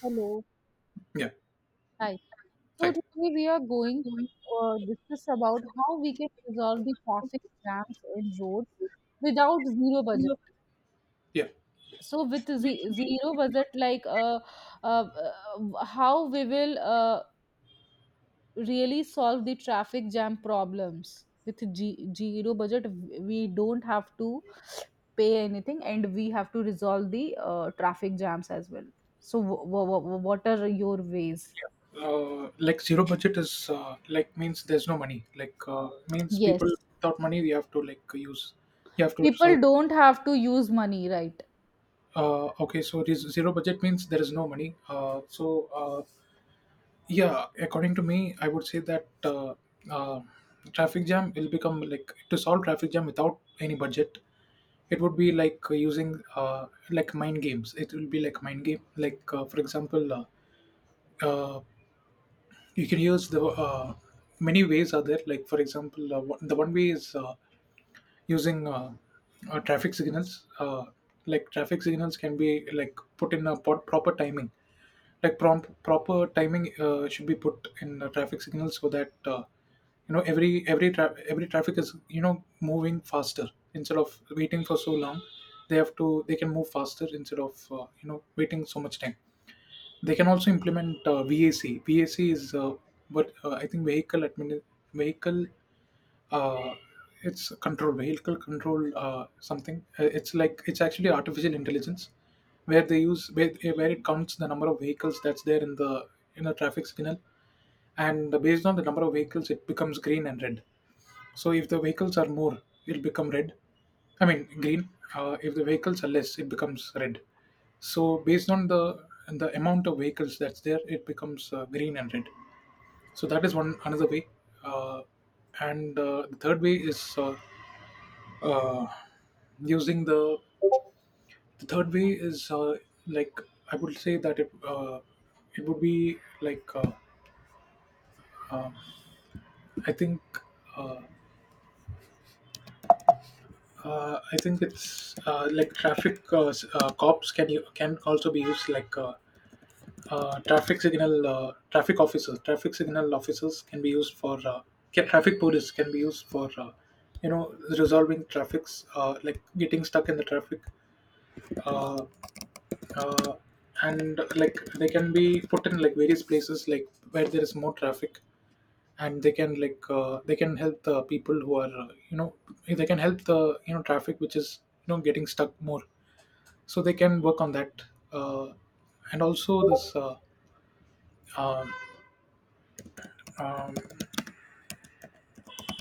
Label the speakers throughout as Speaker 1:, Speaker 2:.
Speaker 1: Hello.
Speaker 2: Yeah.
Speaker 1: Hi. So
Speaker 2: Hi.
Speaker 1: today we are going to discuss about how we can resolve the traffic jams in roads without zero budget.
Speaker 2: Yeah.
Speaker 1: So with zero budget, like how we will really solve the traffic jam problems with zero budget, we don't have to pay anything, and we have to resolve the traffic jams as well. So what are your ways?
Speaker 2: Like zero budget is like means there's no money. Means people
Speaker 1: Yes.
Speaker 2: without money, we have to like use. You have to
Speaker 1: People
Speaker 2: solve.
Speaker 1: don't have to use money, right?
Speaker 2: Okay, so this zero budget means there is no money. Yeah, according to me, I would say that uh, traffic jam will become like to solve traffic jam without any budget. It would be like using like mind games. It will be like mind game. Uh, You can use the many ways are there. Like for example, the one way is using traffic signals. Like traffic signals can be like put in a proper timing. Like prompt proper timing should be put in the traffic signals so that you know every traffic is you know moving faster instead of waiting for so long. They have to they can move faster instead of you know waiting so much time. They can also implement VAC. VAC is what I think vehicle admin vehicle. Uh, it's control vehicle control something. It's like it's actually artificial intelligence, where it counts the number of vehicles that's there in the traffic signal, and based on the number of vehicles, it becomes green and red. So if the vehicles are more, it'll become red. I mean green. If the vehicles are less, it becomes red. So based on the amount of vehicles that's there, it becomes green and red. So that is one another way. Uh, and The third way is uh, using the third way is like I would say that it would be like uh, I think. Uh, I think it's like cops can you can also be used like traffic officers. Traffic signal officers can be used for traffic police can be used for you know resolving traffics like getting stuck in the traffic, uh, uh, and like they can be put in like various places like where there is more traffic, and they can they can help the people who are you know, they can help the you know traffic which is you know getting stuck more, so they can work on that. Uh, and also this um, um,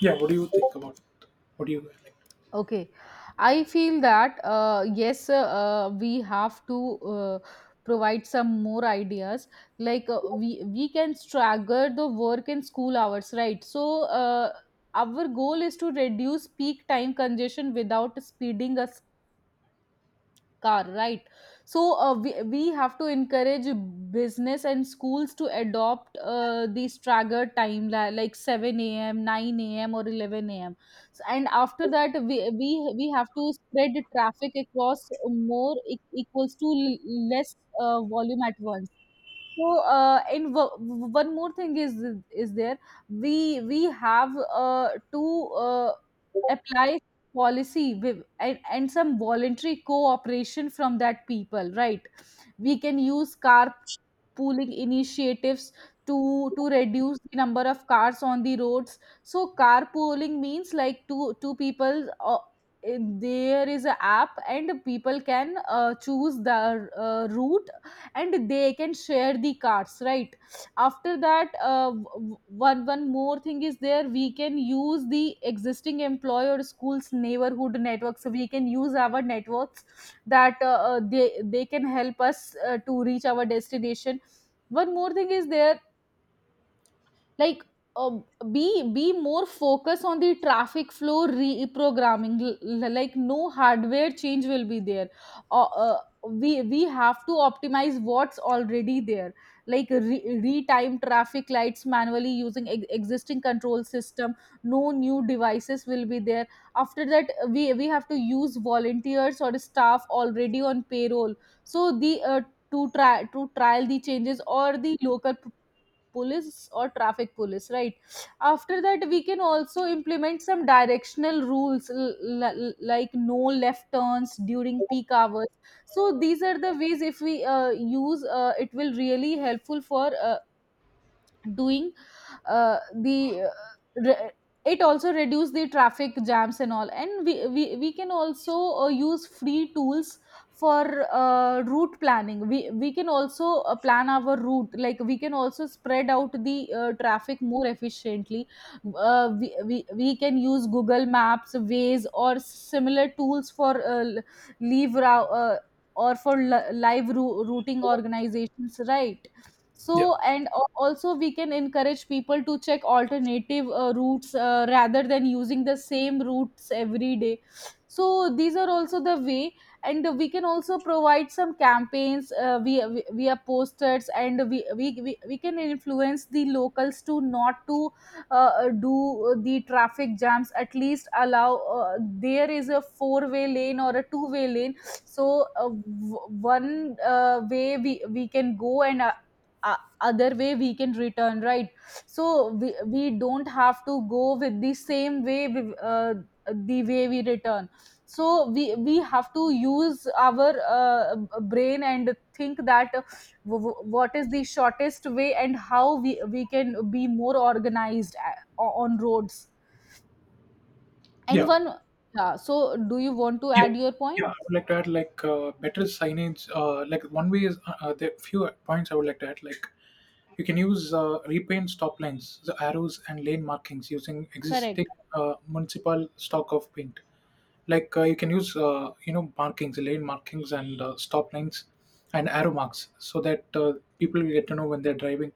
Speaker 2: yeah, what do you think about what do you like?
Speaker 1: Okay, I feel that yes, we have to uh, provide some more ideas. Like we can stagger the work and school hours, right? So uh, our goal is to reduce peak time congestion without speeding us car, right? So we have to encourage business and schools to adopt these staggered time like 7 a.m 9 a.m or 11 a.m. So, and after that we have to spread the traffic across more equals to less volume at once. So, one more thing is there. We have to uh, apply policy with, and some voluntary cooperation from that people, right? We can use car pooling initiatives to reduce the number of cars on the roads. So, carpooling means like two people. There is a app and people can choose the route and they can share the cards, right? After that one more thing is there. We can use the existing employer schools neighborhood networks, so we can use our networks that they can help us to reach our destination. One more thing is there, like uh, be more focus on the traffic flow reprogramming. Like no hardware change will be there. uh, uh, we have to optimize what's already there, like retime traffic lights manually using existing control system. No new devices will be there. After that we have to use volunteers or staff already on payroll. So the to try to trial the changes, or the local police or traffic police, right? After that we can also implement some directional rules, like no left turns during peak hours. So these are the ways, if we use, it will really helpful for doing uh, the uh, re- it also reduce the traffic jams and all. And we can also use free tools for route planning. We can also plan our route, like we can also spread out the traffic more efficiently. We can use google maps ways or similar tools for l- leave rou- or for li- live routing organizations, right?
Speaker 2: yeah
Speaker 1: So, and also we can encourage people to check alternative routes rather than using the same routes every day. So these are also the way. And we can also provide some campaigns via posters, and we can influence the locals to not to do the traffic jams. At least allow there is a four-way lane or a two-way lane, so one way we can go, and other way we can return, right? So we don't have to go with the same way the way we return. So we have to use our brain and think that what is the shortest way, and how we can be more organized on roads. And
Speaker 2: yeah
Speaker 1: one. Yeah, so do you want to
Speaker 2: Yeah,
Speaker 1: add your point?
Speaker 2: yeah. I would like to add like better signage. Like one way is there are few points I would like to add. Like you can use repaint stop lines, the arrows and lane markings using existing
Speaker 1: Correct,
Speaker 2: municipal stock of paint. You can use you know markings, lane markings and stop lines and arrow marks so that people will get to know when they're driving,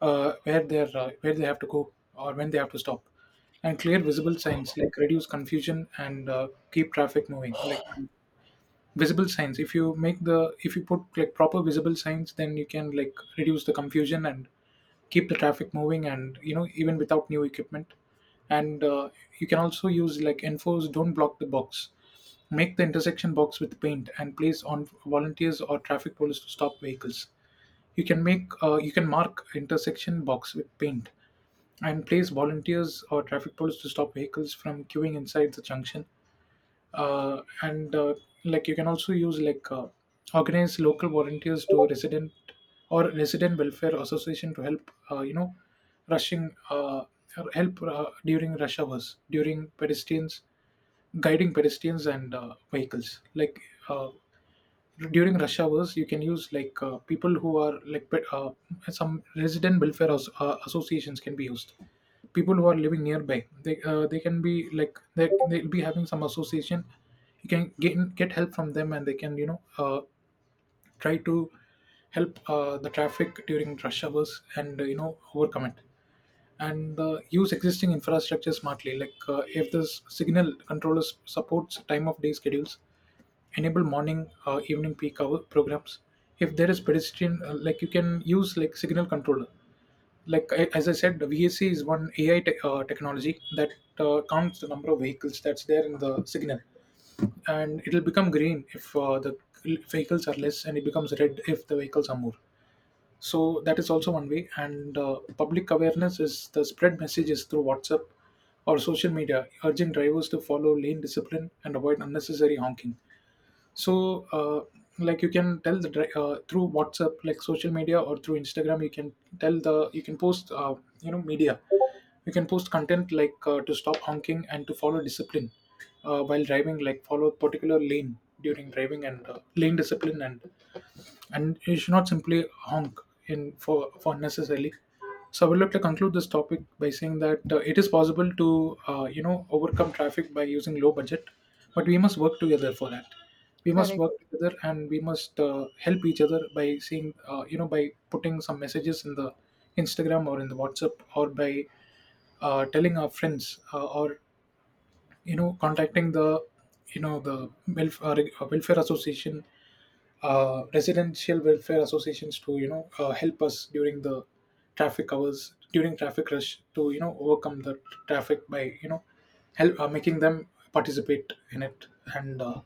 Speaker 2: where they have to go or when they have to stop. And clear visible signs like reduce confusion and keep traffic moving. Like visible signs, if you put like proper visible signs, then you can like reduce the confusion and keep the traffic moving, and you know, even without new equipment. And you can also use like enforce don't block the box, make the intersection box with paint and place on volunteers or traffic police to stop vehicles. You can make you can mark intersection box with paint and place volunteers or traffic police to stop vehicles from queuing inside the junction. And Like you can also use like organize local volunteers to resident or resident welfare association to help you know rushing help during rush hours, during pedestrians, guiding pedestrians and vehicles. Uh, During rush hours, you can use like people who are like pe- some resident associations can be used. People who are living nearby, they can be like, they, they'll be having some association. You can get help from them and they can you know try to help the traffic during rush hours and you know overcome it. And use existing infrastructure smartly. Like if this signal controllers supports time of day schedules, enable morning evening peak hour programs. If there is pedestrian like you can use like signal controller. Like as I said, the VAC is one AI technology that counts the number of vehicles that's there in the signal, and it'll become green if the vehicles are less, and it becomes red if the vehicles are more. So that is also one way. And public awareness is the spread messages through WhatsApp or social media, urging drivers to follow lane discipline and avoid unnecessary honking. So like you can tell the through WhatsApp, like social media or through Instagram, you can tell the you can post you know media, you can post content like to stop honking and to follow discipline while driving, like follow a particular lane during driving and lane discipline, and you should not simply honk in for necessarily. So I would like to conclude this topic by saying that it is possible to you know overcome traffic by using low budget, but we must work together for that. We must
Speaker 1: correct.
Speaker 2: work together and we must help each other by seeing you know by putting some messages in the Instagram or in the WhatsApp, or by telling our friends or you know contacting the you know the welfare association, residential welfare associations to you know help us during the traffic hours, during traffic rush, to you know overcome the traffic by you know help making them participate in it. and uh,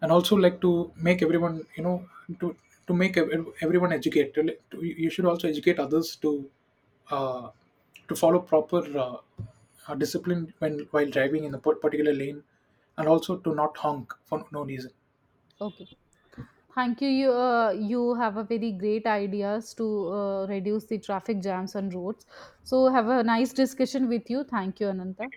Speaker 2: and also like to make everyone you know to everyone educate to, you should also educate others uh, to follow proper uh, discipline when while driving in a particular lane, and also to not honk for no reason.
Speaker 1: Okay. Thank you. You, you have a very great ideas to reduce the traffic jams on roads. So have a nice discussion with you. Thank you, Ananta.